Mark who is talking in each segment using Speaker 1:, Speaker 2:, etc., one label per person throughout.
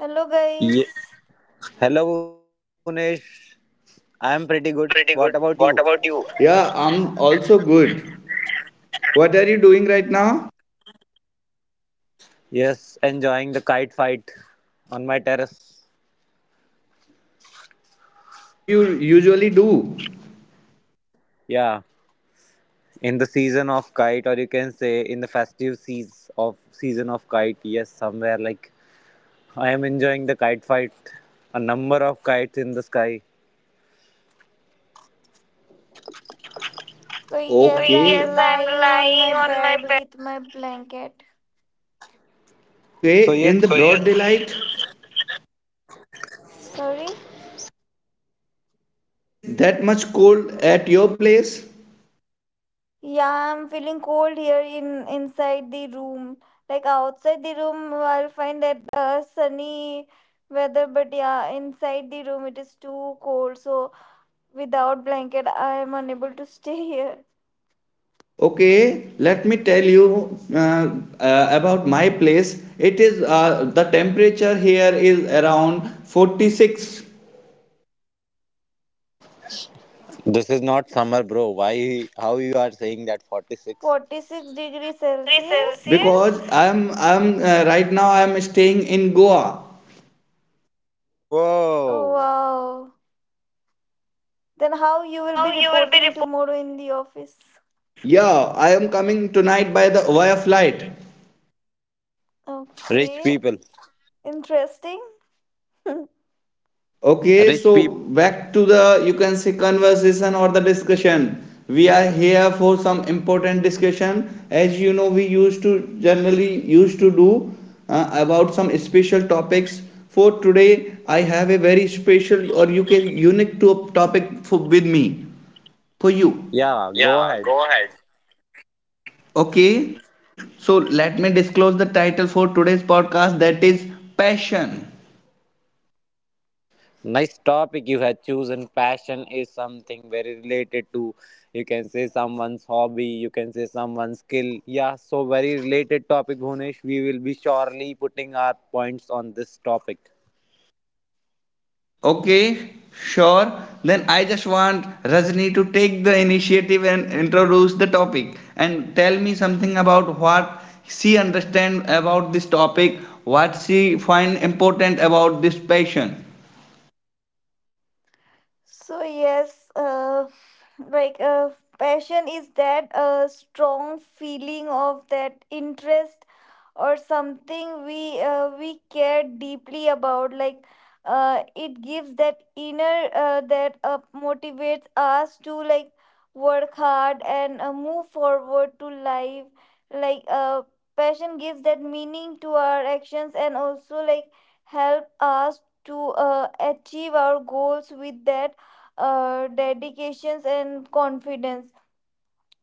Speaker 1: Hello,
Speaker 2: Ye-
Speaker 1: guys.
Speaker 2: Hello, Unesh. I'm pretty good.
Speaker 3: I'm pretty
Speaker 2: What
Speaker 3: good.
Speaker 2: about
Speaker 3: What
Speaker 2: you?
Speaker 3: about you? Yeah, I'm also good. What are you doing right now?
Speaker 2: Yes, enjoying the kite fight on my terrace.
Speaker 3: As you usually do.
Speaker 2: Yeah, in the season of kite, or you can say in the festive season of kite. Yes, somewhere like I am enjoying the kite fight. A number of kites in the sky.
Speaker 1: So, yes,
Speaker 3: Okay.
Speaker 1: I'm
Speaker 3: Yes,
Speaker 1: lying on my bed with my blanket.
Speaker 2: So
Speaker 3: okay,
Speaker 2: yes,
Speaker 3: in the broad daylight,
Speaker 1: Sorry?
Speaker 3: it is that much cold at your place.
Speaker 1: Yeah, I'm feeling cold here in inside the room. Like outside the room, I'll find that sunny weather, but yeah, inside the room it is too cold. So, without blanket, I am unable to stay here.
Speaker 3: Okay, let me tell you about my place. It is the temperature here is around 46
Speaker 2: this is not summer, bro. Why? How you are saying that? 46.
Speaker 1: 46 degrees
Speaker 3: degree Celsius,
Speaker 1: Celsius?
Speaker 3: because I am right now I am staying in Goa.
Speaker 1: Oh,
Speaker 2: Whoa,
Speaker 1: wow. Then, how you
Speaker 3: And
Speaker 1: will be
Speaker 3: how you will be
Speaker 1: reporting
Speaker 3: rep-
Speaker 1: tomorrow in the office?
Speaker 3: Yeah, I am coming tonight by the via flight.
Speaker 2: rich
Speaker 1: Okay,
Speaker 2: people.
Speaker 1: interesting.
Speaker 3: Okay,
Speaker 2: Rich
Speaker 3: so
Speaker 2: people.
Speaker 3: back to the, you can say, conversation or the discussion. We are here for some important discussion. As you know, we used to generally used to do about some special topics. For today, I have a very special or you can unique to a topic for with me for you.
Speaker 2: Yeah, go
Speaker 3: Yeah,
Speaker 2: ahead.
Speaker 3: go ahead. Okay, so let me disclose the title for today's podcast, that is passion.
Speaker 2: Nice topic you have chosen. Passion is something very related to, you can say, someone's hobby, you can say someone's skill. Yeah, so very related topic, Bhunesh. We will be surely putting our points on this topic.
Speaker 3: Okay, sure. Then I just want Rajni to take the initiative and introduce the topic and tell me something about what she understand about this topic, what she find important about this passion.
Speaker 1: So yes, like uh, passion is that strong feeling of that interest or something we care deeply about. Like it gives that inner that motivates us to, like, work hard and move forward to life, like passion gives that meaning to our actions and also, like, help us to achieve our goals with that dedications and confidence.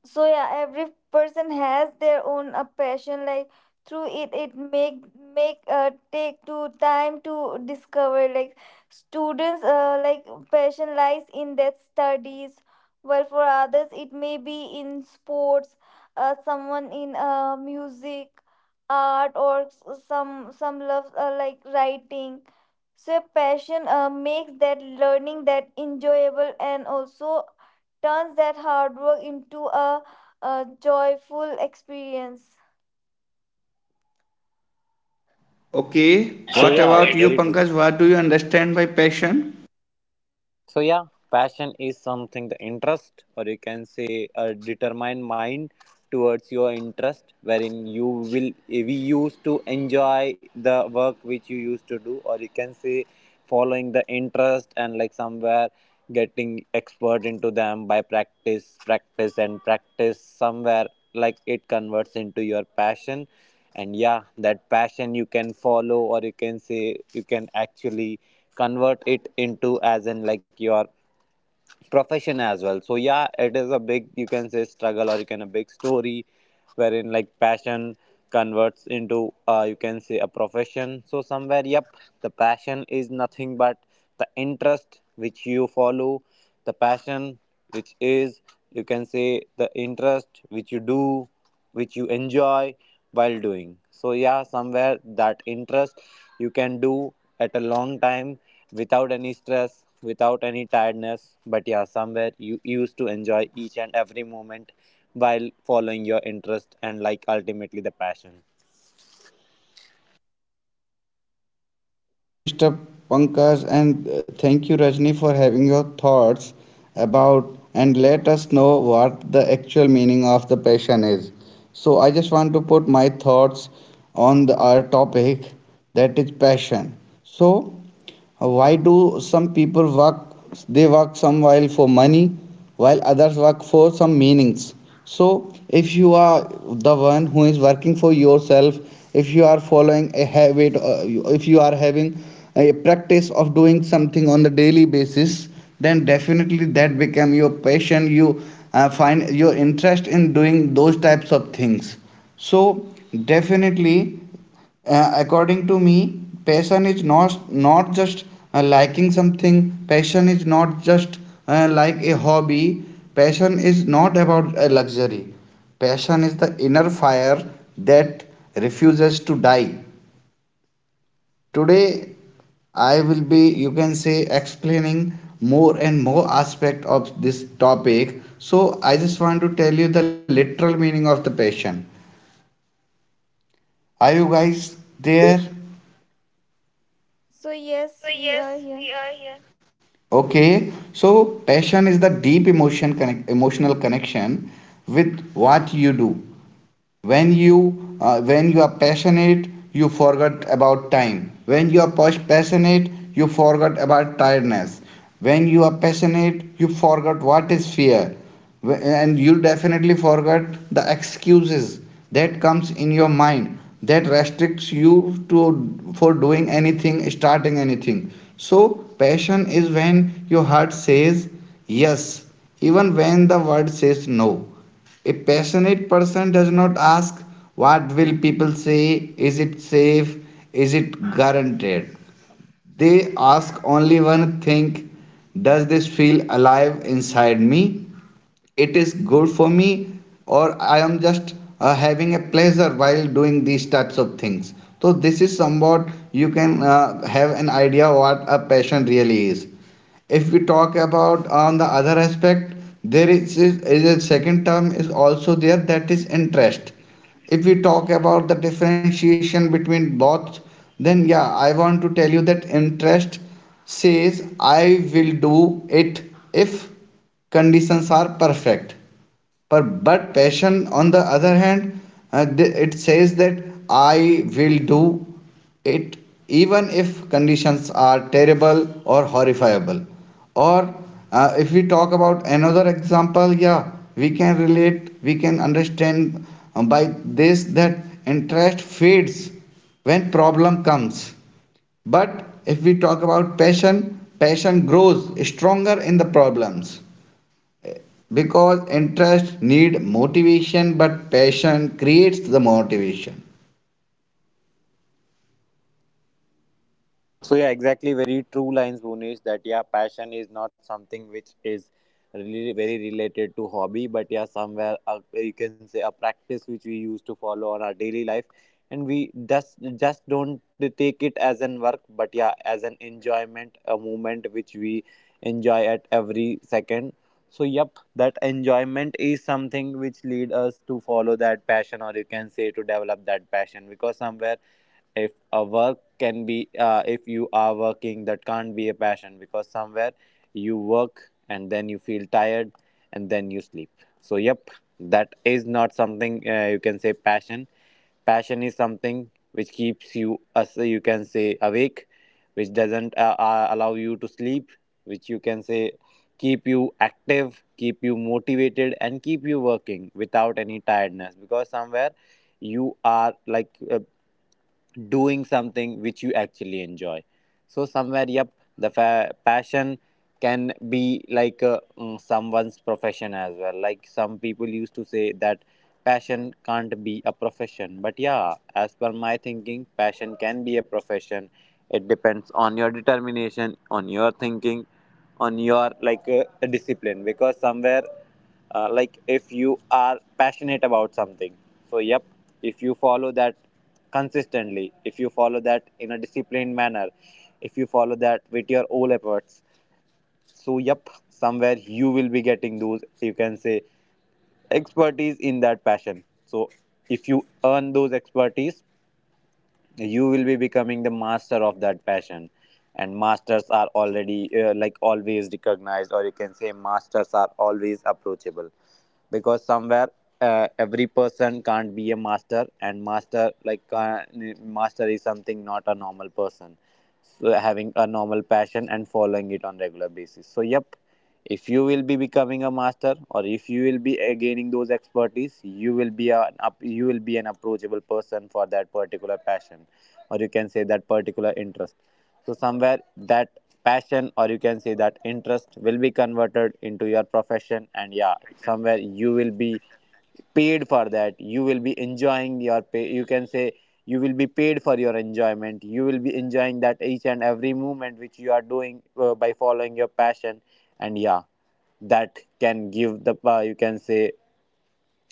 Speaker 1: So yeah, every person has their own passion. Like, through it, it make take to time to discover. Like, students, like, passion lies in their studies, while for others it may be in sports, someone in music, art, some loves, like writing. So passion, makes that learning that enjoyable, and also turns that hard work into a joyful experience.
Speaker 3: Okay,
Speaker 2: So
Speaker 3: what about
Speaker 2: yeah,
Speaker 3: you
Speaker 2: very true.
Speaker 3: Pankaj? What do you understand by passion?
Speaker 2: So yeah, passion is something, the interest, or you can say a determined mind towards your interest, wherein you will we used to enjoy the work which you used to do, or you can say following the interest, and like somewhere getting expert into them by practice, practice and practice. Somewhere like it converts into your passion, and yeah, that passion you can follow, or you can say you can actually convert it into as in like your profession as well. So yeah, it is a big, you can say, struggle, or you can a big story wherein like passion converts into, you can say, a profession. So somewhere, yep, the passion is nothing but the interest which you follow, the passion which is, you can say, the interest which you do, which you enjoy while doing. So yeah, somewhere that interest you can do at a long time without any stress, without any tiredness, but yeah, somewhere you used to enjoy each and every moment while following your interest, and like ultimately the passion.
Speaker 3: Thank you, Mr. Pankaj, and thank you, Rajni, for having your thoughts about and let us
Speaker 1: Yes.
Speaker 3: know what the actual meaning of the passion is. So, I just want to put my thoughts on the, our topic, that is passion. So, why do some people work? They work some while for money, while others work for some meanings. So if you are the one who is working for yourself, if you are following a habit, if you are having a practice of doing something on the daily basis, then definitely that become your passion. You find your interest in doing those types of things. So definitely, according to me, passion is not not just liking something. Passion is not just like a hobby. Passion is not about a luxury. Passion is the inner fire that refuses to die. Today I will be, you can say, explaining more and more aspect of this topic, so I just want to tell you the literal meaning of the passion. Are you guys
Speaker 2: Yes,
Speaker 3: there?
Speaker 2: go ahead.
Speaker 1: So yes,
Speaker 3: So,
Speaker 1: we are
Speaker 3: yes,
Speaker 1: here.
Speaker 3: we are here. Okay, so passion is the deep emotion connect, emotional connection with what you do. When you when you are passionate you forget about time. When you are passionate you forget about tiredness. When you are passionate you forget what is fear. And you definitely forget the excuses that comes in your mind that restricts you to for doing anything, starting anything. So passion is when your heart says yes, even when the world says no. A passionate person does not ask, what will people say? Is it safe? Is it guaranteed? They ask only one thing: does this feel alive inside me? It is good for me, or I am just having a pleasure while doing these types of things. So, this is somewhat you can have an idea what a passion really is. If we talk about on the other aspect, there is, is a second term is also there, that is interest. If we talk about the differentiation between both, then yeah, I want to tell you that interest says I will do it if conditions are perfect, but passion, on the other hand, it says that I will do it even if conditions are terrible or horrifiable. Or if we talk about another example, yeah, we can relate, we can understand by this that interest fades when problem comes. But if we talk about passion, passion grows stronger in the problems, because interest need motivation but passion creates the motivation.
Speaker 2: So yeah, exactly. Very true lines, Bhunesh. That yeah, passion is not something which is really very related to hobby, but yeah, somewhere you can say a practice which we used to follow on our daily life, and we just don't take it as an work, but yeah, as an enjoyment, a moment which we enjoy at every second. So yep, that enjoyment is something which lead us to follow that passion, or you can say to develop that passion, because somewhere if a work can be if you are working, that can't be a passion, because somewhere you work and then you feel tired and then you sleep. So yep, that is not something, you can say, passion. Passion is something which keeps you, as you can say, awake, which doesn't allow you to sleep, which, you can say, keep you active, keep you motivated and keep you working without any tiredness, because somewhere you are like doing something which you actually enjoy. So somewhere yep, the passion can be like someone's profession as well. Like some people used to say that passion can't be a profession, but yeah, as per my thinking, passion can be a profession. It depends on your determination, on your thinking, on your like discipline, because somewhere like if you are passionate about something, so yep, if you follow that consistently, if you follow that in a disciplined manner, if you follow that with your all efforts, so yep, somewhere you will be getting those, you can say, expertise in that passion. So, if you earn those expertise, you will be becoming the master of that passion, and masters are already like always recognized, or you can say masters are always approachable, because somewhere every person can't be a master, and master like master is something, not a normal person. So having a normal passion and following it on regular basis, so yep, if you will be becoming a master, or if you will be gaining those expertise, you will be an up, you will be an approachable person for that particular passion, or you can say that particular interest. So somewhere that passion, or you can say that interest, will be converted into your profession, and yeah, somewhere you will be paid for that. You will be enjoying your pay, you can say. You will be paid for your enjoyment. You will be enjoying that each and every moment which you are doing, by following your passion, and yeah, that can give the, you can say,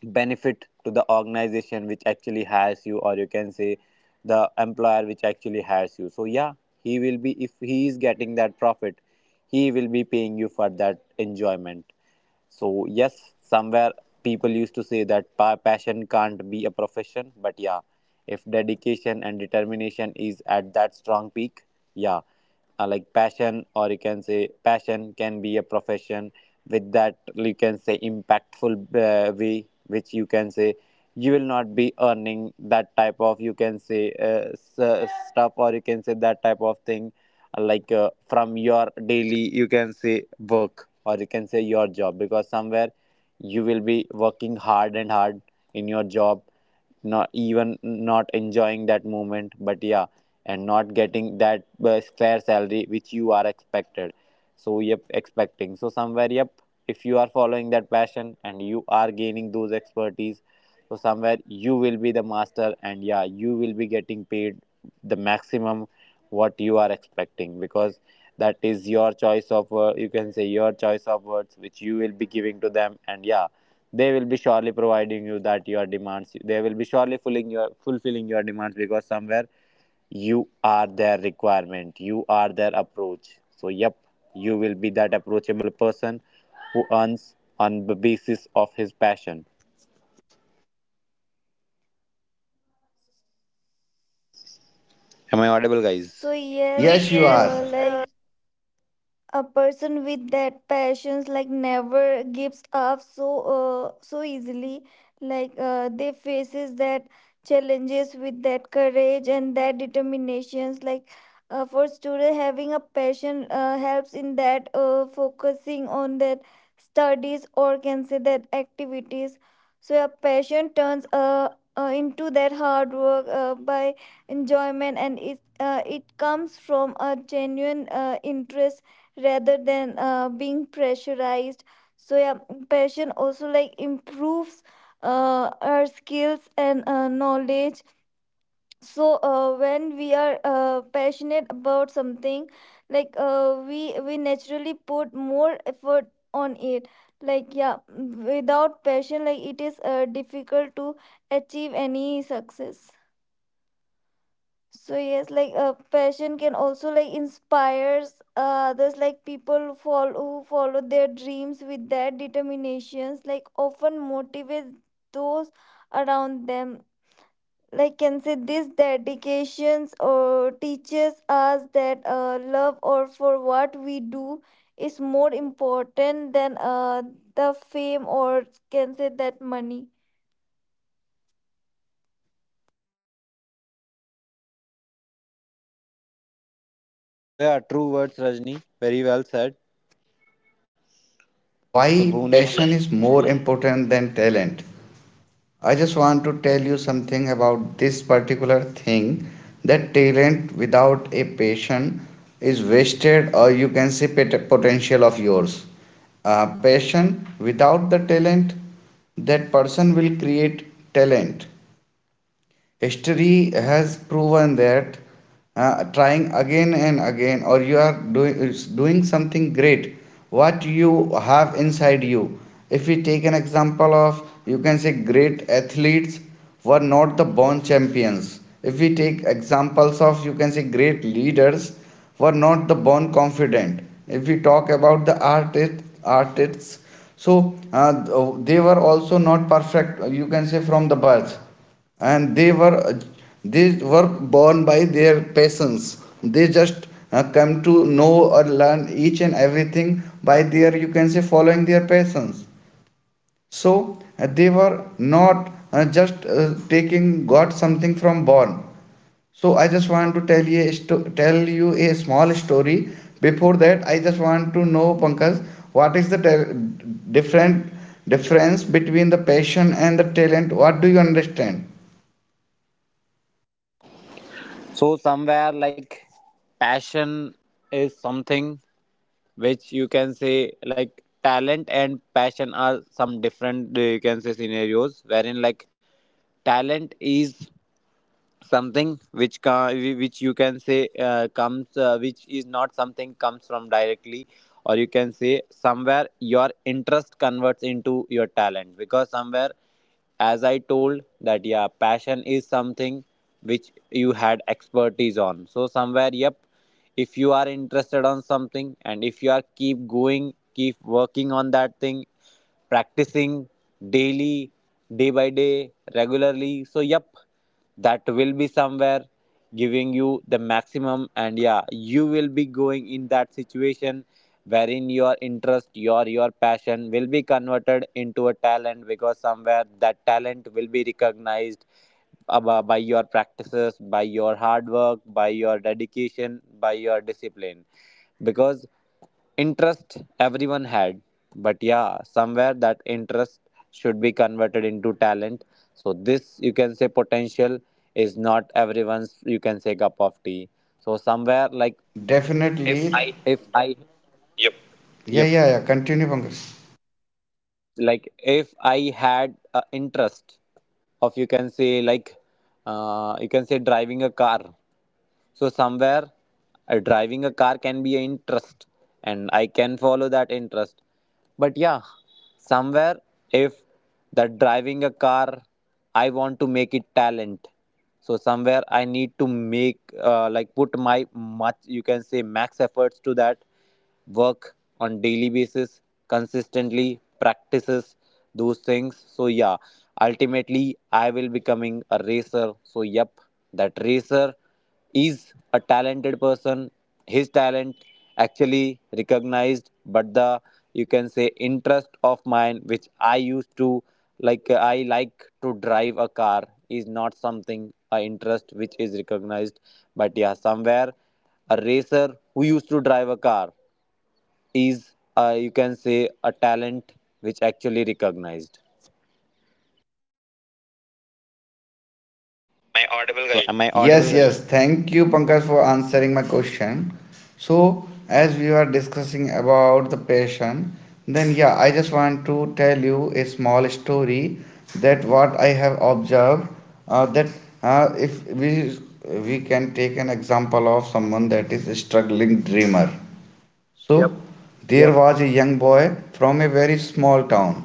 Speaker 2: benefit to the organization which actually hires you, or you can say the employer which actually hires you. So yeah, he will be, if he is getting that profit, he will be paying you for that enjoyment. So yes, somewhere people used to say that passion can't be a profession, but yeah, if dedication and determination is at that strong peak, yeah, like passion, or you can say passion can be a profession with that, you can say, impactful way, which, you can say, you will not be earning that type of, you can say, stuff, or you can say that type of thing, like from your daily, you can say, work, or you can say your job, because somewhere you will be working hard and hard in your job, not even not enjoying that moment, but yeah, and not getting that fair salary which you are expected. So yep, expecting. So somewhere yep, if you are following that passion, and you are gaining those expertise, so somewhere you will be the master, and yeah, you will be getting paid the maximum what you are expecting, because that is your choice of, you can say, your choice of words which you will be giving to them, and yeah, they will be surely providing you that, your demands they will be surely fulfilling your demands, because somewhere you are their requirement, you are their approach. So yep, you will be that approachable person who earns on the basis of his passion. Am I audible, guys?
Speaker 1: So
Speaker 3: Yes
Speaker 1: yes,
Speaker 3: you are.
Speaker 1: like a person with that passions, like, never gives up, so easily. Like they faces that challenges with that courage and that determinations, like for student, having a passion helps in that focusing on that studies or can say that activities. So a passion turns into that hard work by enjoyment, and it comes from a genuine interest rather than being pressurized. So yeah, passion also, like, improves our skills and knowledge. So when we are passionate about something, like we naturally put more effort on it. Like, yeah, without passion, like, it is difficult to achieve any success. So yes, like passion can also, like, inspires others. Like, people follow who follow their dreams with their determinations, like, often motivates those around them. Like, can say this dedications or teaches us that love or for what we do is more important than the fame, or can say that money.
Speaker 3: Definitely, from all of your learnings, so
Speaker 2: So
Speaker 3: I
Speaker 2: yeah,
Speaker 3: just
Speaker 2: true
Speaker 3: can
Speaker 2: words, Rajni.
Speaker 3: say,
Speaker 2: Very well
Speaker 3: if you
Speaker 2: said.
Speaker 3: agrees that why
Speaker 2: So Bhunesh,
Speaker 3: passion is more important than talent. I just want to tell you something about this particular thing, that talent without a passion is wasted, or you can say potential of yours. Passion without the talent, that person will create talent. History has proven that, trying again and again, or you are doing is doing something great, what you have inside you. If we take an example of, you can say, great athletes, were not the born champions. If we take examples of, you can say, great leaders, were not the born confident. If we talk about the artist artists, so they were also not perfect, you can say from the birth, and they were, they were born by their passions. They just come to know or learn each and everything by their, you can say, following their passions. So they were not just taking got something from born. So I just want to tell you a tell you a small story. Before that I just want to know Pankaj, what is the different difference between the passion and the talent, what do you understand?
Speaker 2: so somewhere like passion is something which, you can say, like talent and passion are some different you can say scenarios, wherein like talent is something which which, you can say, comes which is not something comes from directly, or you can say somewhere your interest converts into your talent, because somewhere as I told that yeah, passion is something which you had expertise on. So somewhere yep, if you are interested on something, and if you are keep going, keep working on that thing, practicing daily, day by day, regularly. So yep, that will be somewhere giving you the maximum. And yeah, you will be going in that situation wherein your interest, your passion will be converted into a talent, because somewhere that talent will be recognized by your practices, by your hard work, by your dedication, by your discipline, because interest everyone had, but yeah, somewhere that interest should be converted into talent. So this, you can say, potential is not everyone's, you can say, cup of tea. So somewhere like
Speaker 3: Definitely. If I,
Speaker 2: if I
Speaker 3: yep. Yeah,
Speaker 2: yep
Speaker 3: yeah, yeah. Continue, Pankaj. So
Speaker 2: like if I had a interest of, you can say, like, you can say driving a car. So somewhere driving a car can be an interest, and I can follow that interest. But yeah, somewhere if that driving a car, I want to make it talent. So somewhere I need to make like put my much, you can say, max efforts to that, work on daily basis, consistently practices those things. So yeah, ultimately, I will becoming a racer. So yep, that racer is a talented person. His talent actually recognized, but the, you can say, interest of mine, which I used to like, I like to drive a car, is not something a interest which is recognized. But yeah, somewhere a racer who used to drive a car is, you can say, a talent which actually recognized.
Speaker 3: am I audible,
Speaker 2: So
Speaker 3: guys?
Speaker 2: am I
Speaker 3: Yes,
Speaker 2: audible, guys?
Speaker 3: yes. Thank you, Pankaj, for answering my question. So, as we were discussing about the passion, then yeah, I just want to tell you a small story that what I have observed, that if we we can take an example of someone that is a struggling dreamer. So yep, there
Speaker 2: Yep.
Speaker 3: was a young boy from a very small town.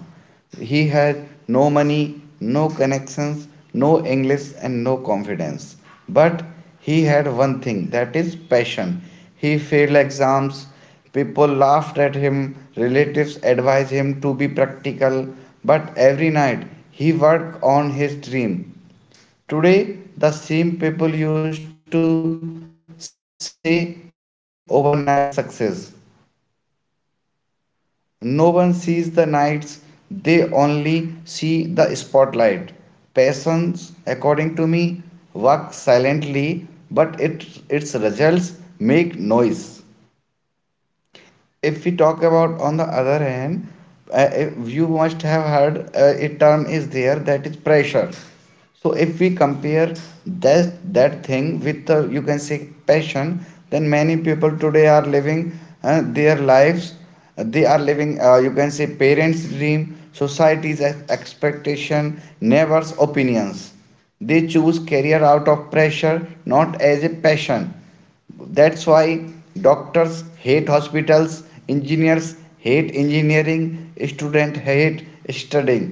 Speaker 3: He had no money, no connections, no English, and no confidence. But he had one thing, that is passion. He failed exams, people laughed at him, relatives advised him to be practical, but every night he worked on his dream. Today, the same people used to say overnight success. No one sees the nights, they only see the spotlight. Passions, according to me, work silently, but it, its results make noise. If we talk about on the other hand, you must have heard a term is there, that is pressure. So if we compare that that thing with, you can say, passion, then many people today are living their lives. They are living, you can say, parents dream, society's expectation, neighbors opinions. They choose career out of pressure, not as a passion. That's why doctors hate hospitals, engineers hate engineering, students hate studying.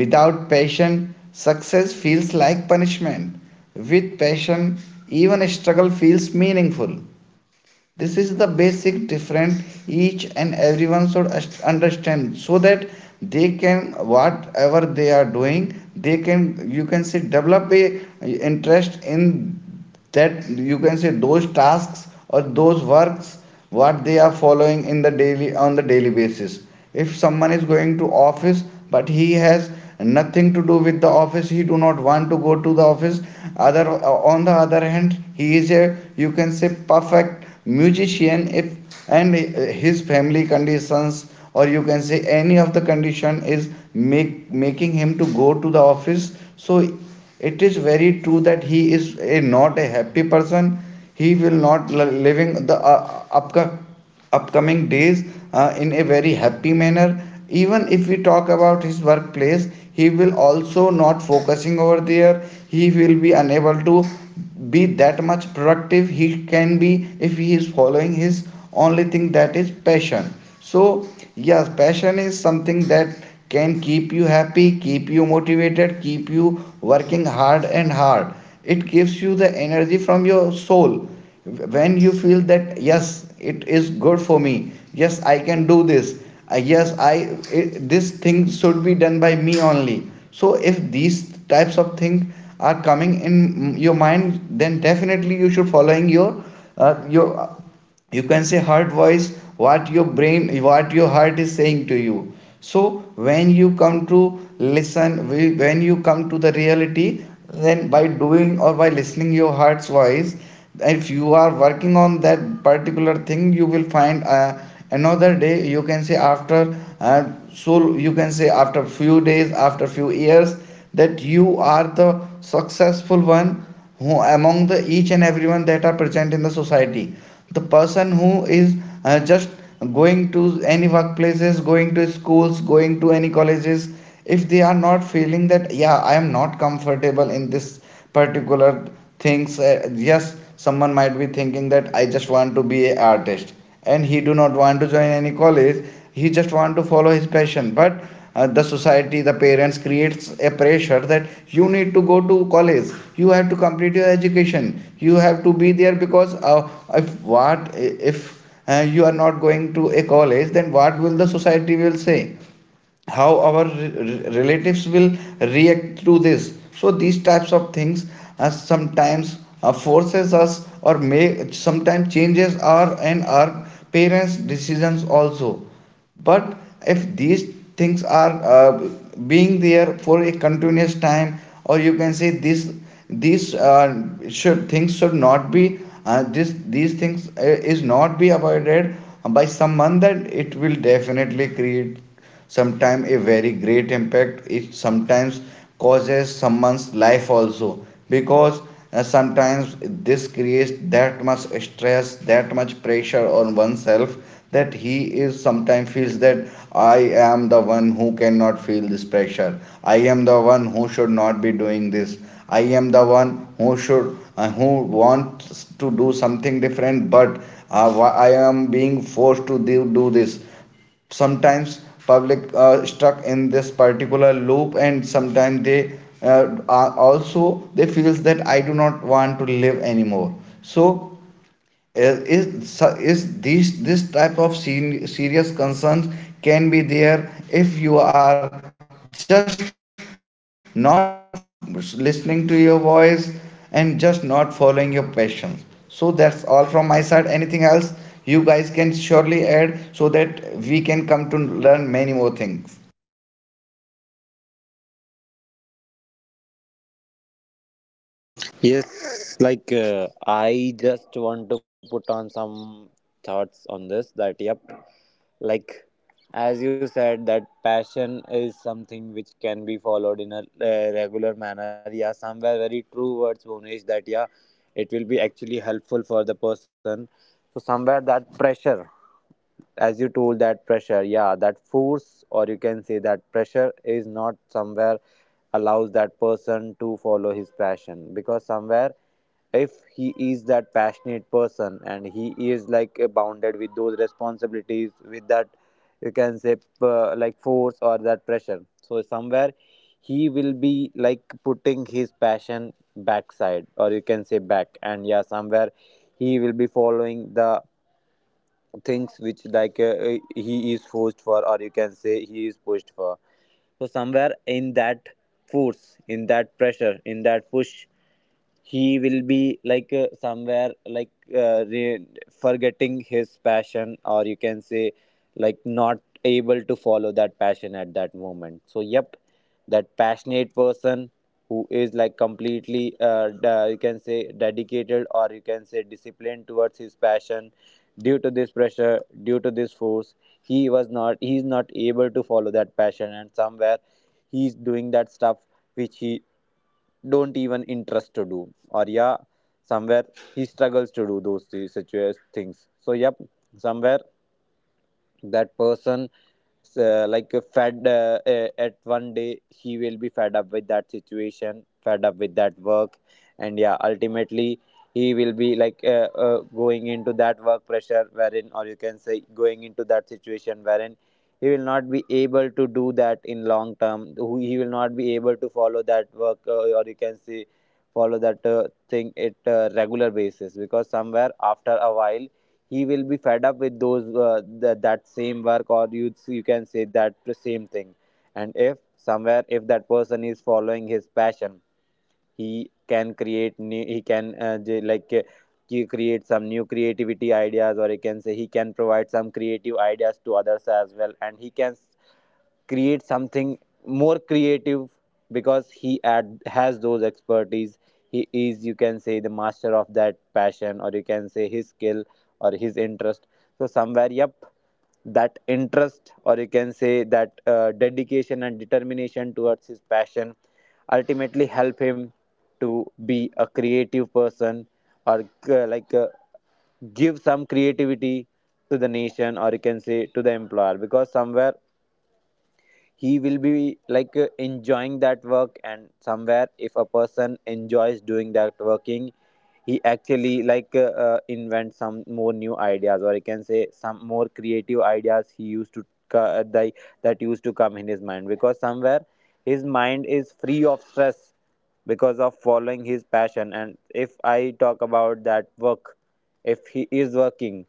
Speaker 3: Without passion, success feels like punishment. With passion, even struggle feels meaningful. This is the basic difference each and everyone should understand, so that they can, whatever they are doing, they can, you can say, develop a interest in that, you can say, those tasks or those works, what they are following in the daily on the daily basis. If someone is going to office but he has nothing to do with the office, he do not want to go to the office. Other, on the other hand, he is a, you can say, perfect musician, if and his family conditions, or you can say, any of the condition is make making him to go to the office, so it is very true that he is a, not a happy person. He will not living the upcoming days in a very happy manner. Even if we talk about his workplace, he will also not focusing over there. He will be unable to be that much productive he can be if he is following his only thing, that is passion. So yes, passion is something that can keep you happy, keep you motivated, keep you working hard and hard. It gives you the energy from your soul, when you feel that yes, it is good for me, yes I can do this, yes I it, this thing should be done by me only. So if these types of things are coming in your mind, then definitely you should following your your, you can say, heart voice, what your brain, what your heart is saying to you. So when you come to listen, when you come to the reality, then by doing or by listening your heart's voice, if you are working on that particular thing, you will find another day, you can say after, so you can say after few days, after few years, that you are the successful one who among the each and everyone that are present in the society. The person who is just going to any workplaces, going to schools, going to any colleges, if they are not feeling that yeah I am not comfortable in this particular things, yes someone might be thinking that I just want to be an artist, and he do not want to join any college, he just want to follow his passion. But the society, the parents creates a pressure that you need to go to college, you have to complete your education, you have to be there, because if, what if you are not going to a college, then what will the society will say, how our relatives will react to this. So these types of things sometimes forces us, or may sometimes changes our and our parents decisions also. But if these things are being there for a continuous time, or you can say this, these should things should not be this these things is not be avoided by someone, that it will definitely create sometimes a very great impact. It sometimes causes someone's life also, because sometimes this creates that much stress, that much pressure on oneself, that he is sometimes feels that I am the one who cannot feel this pressure, I am the one who should not be doing this, I am the one who should who wants to do something different, but I am being forced to do this. Sometimes public are stuck in this particular loop, and sometimes they are also they feels that I do not want to live anymore. So uh, is so, is these this type of serious concerns can be there if you are just not listening to your voice and just not following your passions. So that's all from my side, anything else you guys can surely add so that we can come to learn many more things.
Speaker 2: Yes, like I just want to put on some thoughts on this, that yep, like as you said that passion is something which can be followed in a regular manner. Yeah, somewhere very true words, Bhunesh, that yeah, it will be actually helpful for the person. So somewhere that pressure, as you told, that pressure, yeah, that force, or you can say that pressure is not somewhere allows that person to follow his passion, because somewhere if he is that passionate person and he is like bounded with those responsibilities, with that you can say like force or that pressure. So somewhere he will be like putting his passion backside, or you can say back, and yeah, somewhere he will be following the things which like he is forced for, or you can say he is pushed for. So somewhere in that force, in that pressure, in that push, he will be like somewhere like forgetting his passion, or you can say like not able to follow that passion at that moment. So yep, that passionate person who is like completely you can say dedicated, or you can say disciplined towards his passion, due to this pressure, due to this force, he is not able to follow that passion, and somewhere he is doing that stuff which he don't even interest to do, or yeah, somewhere he struggles to do those things. So yep, somewhere that person, like fed at one day he will be fed up with that situation, fed up with that work, and yeah, ultimately he will be like going into that work pressure wherein, or you can say going into that situation wherein he will not be able to do that in long term. He will not be able to follow that work, or you can say follow that thing at a regular basis, because somewhere after a while he will be fed up with those that same work, or you can say that same thing. And if somewhere, if that person is following his passion, he he can like he create some new creativity ideas, or you can say he can provide some creative ideas to others as well, and he can create something more creative, because he has those expertise. He is, you can say, the master of that passion, or you can say his skill or his interest. So somewhere, yep, that interest, or you can say that dedication and determination towards his passion, ultimately help him to be a creative person, or uh, like uh, give some creativity to the nation, or you can say to the employer, because somewhere he will be like enjoying that work. And somewhere if a person enjoys doing that working, he actually like invent some more new ideas, or you can say some more creative ideas he used to co- they, that used to come in his mind, because somewhere his mind is free of stress because of following his passion. And if I talk about that work, if he is working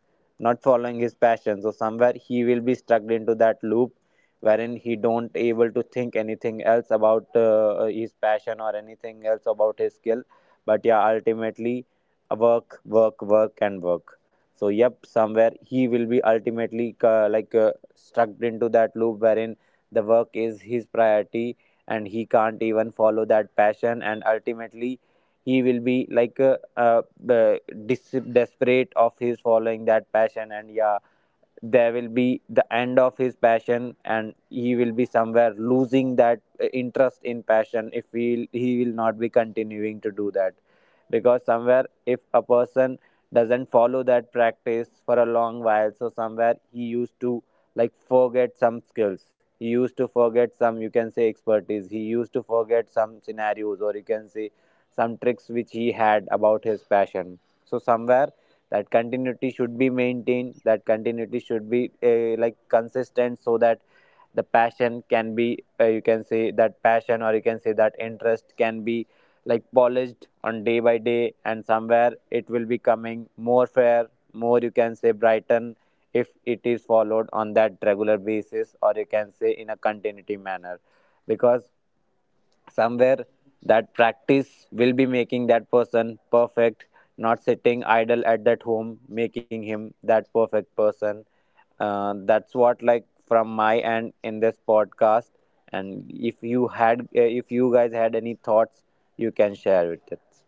Speaker 2: not following his passion, so somewhere he will be stuck into that loop wherein he don't able to think anything else about his passion, or anything else about his skill, but yeah, ultimately work, work, work and work. So yep, somewhere he will be ultimately stuck into that loop wherein the work is his priority, and he can't even follow that passion, and ultimately he will be like uh, desperate of his following that passion. And yeah, there will be the end of his passion, and he will be somewhere losing that interest in passion if he will not be continuing to do that. Because somewhere if a person doesn't follow that practice for a long while, so somewhere he used to like forget some skills, he used to forget some, you can say, expertise, he used to forget some scenarios, or you can say some tricks which he had about his passion. So somewhere that continuity should be maintained, that continuity should be like consistent, so that the passion can be, you can say, that passion, or you can say that interest can be like polished on day by day, and somewhere it will be coming more fair, more, you can say, brighten, if it is followed on that regular basis, or you can say in a continuity manner, because somewhere that practice will be making that person perfect, not sitting idle at that home making him that perfect person. That's what like from my end in this podcast, and if you had, if you guys had any thoughts, you can share with it.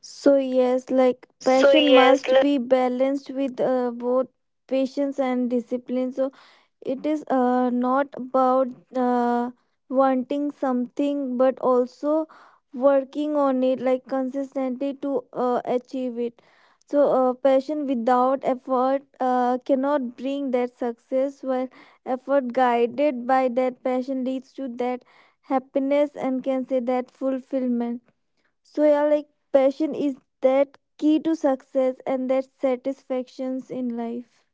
Speaker 1: So
Speaker 3: So
Speaker 1: yes, like,
Speaker 3: yes, let-
Speaker 1: passion must be balanced with both patience and discipline. So it is not about uh, wanting something, but also working on it, like, consistently to achieve it. So passion without effort cannot bring that success, while effort guided by that passion leads to that happiness and can say that fulfillment. So yeah, like, passion is that key to success and that satisfactions in life.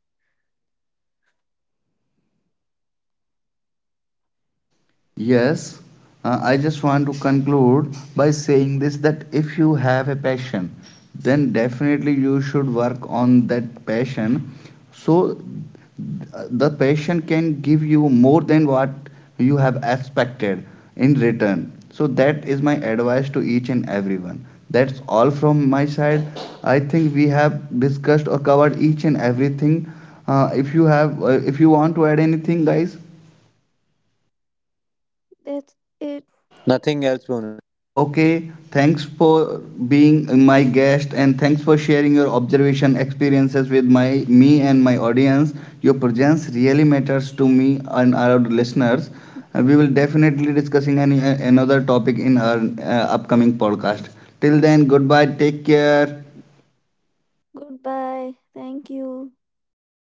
Speaker 3: Yes, I just want to conclude by saying this that if you have a passion, then definitely you should work on that passion. So the passion can give you more than what you have expected in return. So that is my advice to each and everyone. That's all from my side. I think we have discussed or covered each and everything. If you have, if you want to add anything, guys.
Speaker 1: That's it.
Speaker 2: Nothing else, Bonish. That's
Speaker 3: Okay,
Speaker 2: it.
Speaker 3: thanks for being my guest and thanks for sharing your observation experiences with my me and my audience. Your presence really matters to me and our listeners. We will definitely discussing
Speaker 1: Mm.
Speaker 3: any another topic in our upcoming podcast. Till then, goodbye. Take care.
Speaker 1: Goodbye. Thank you.
Speaker 2: Goodbye,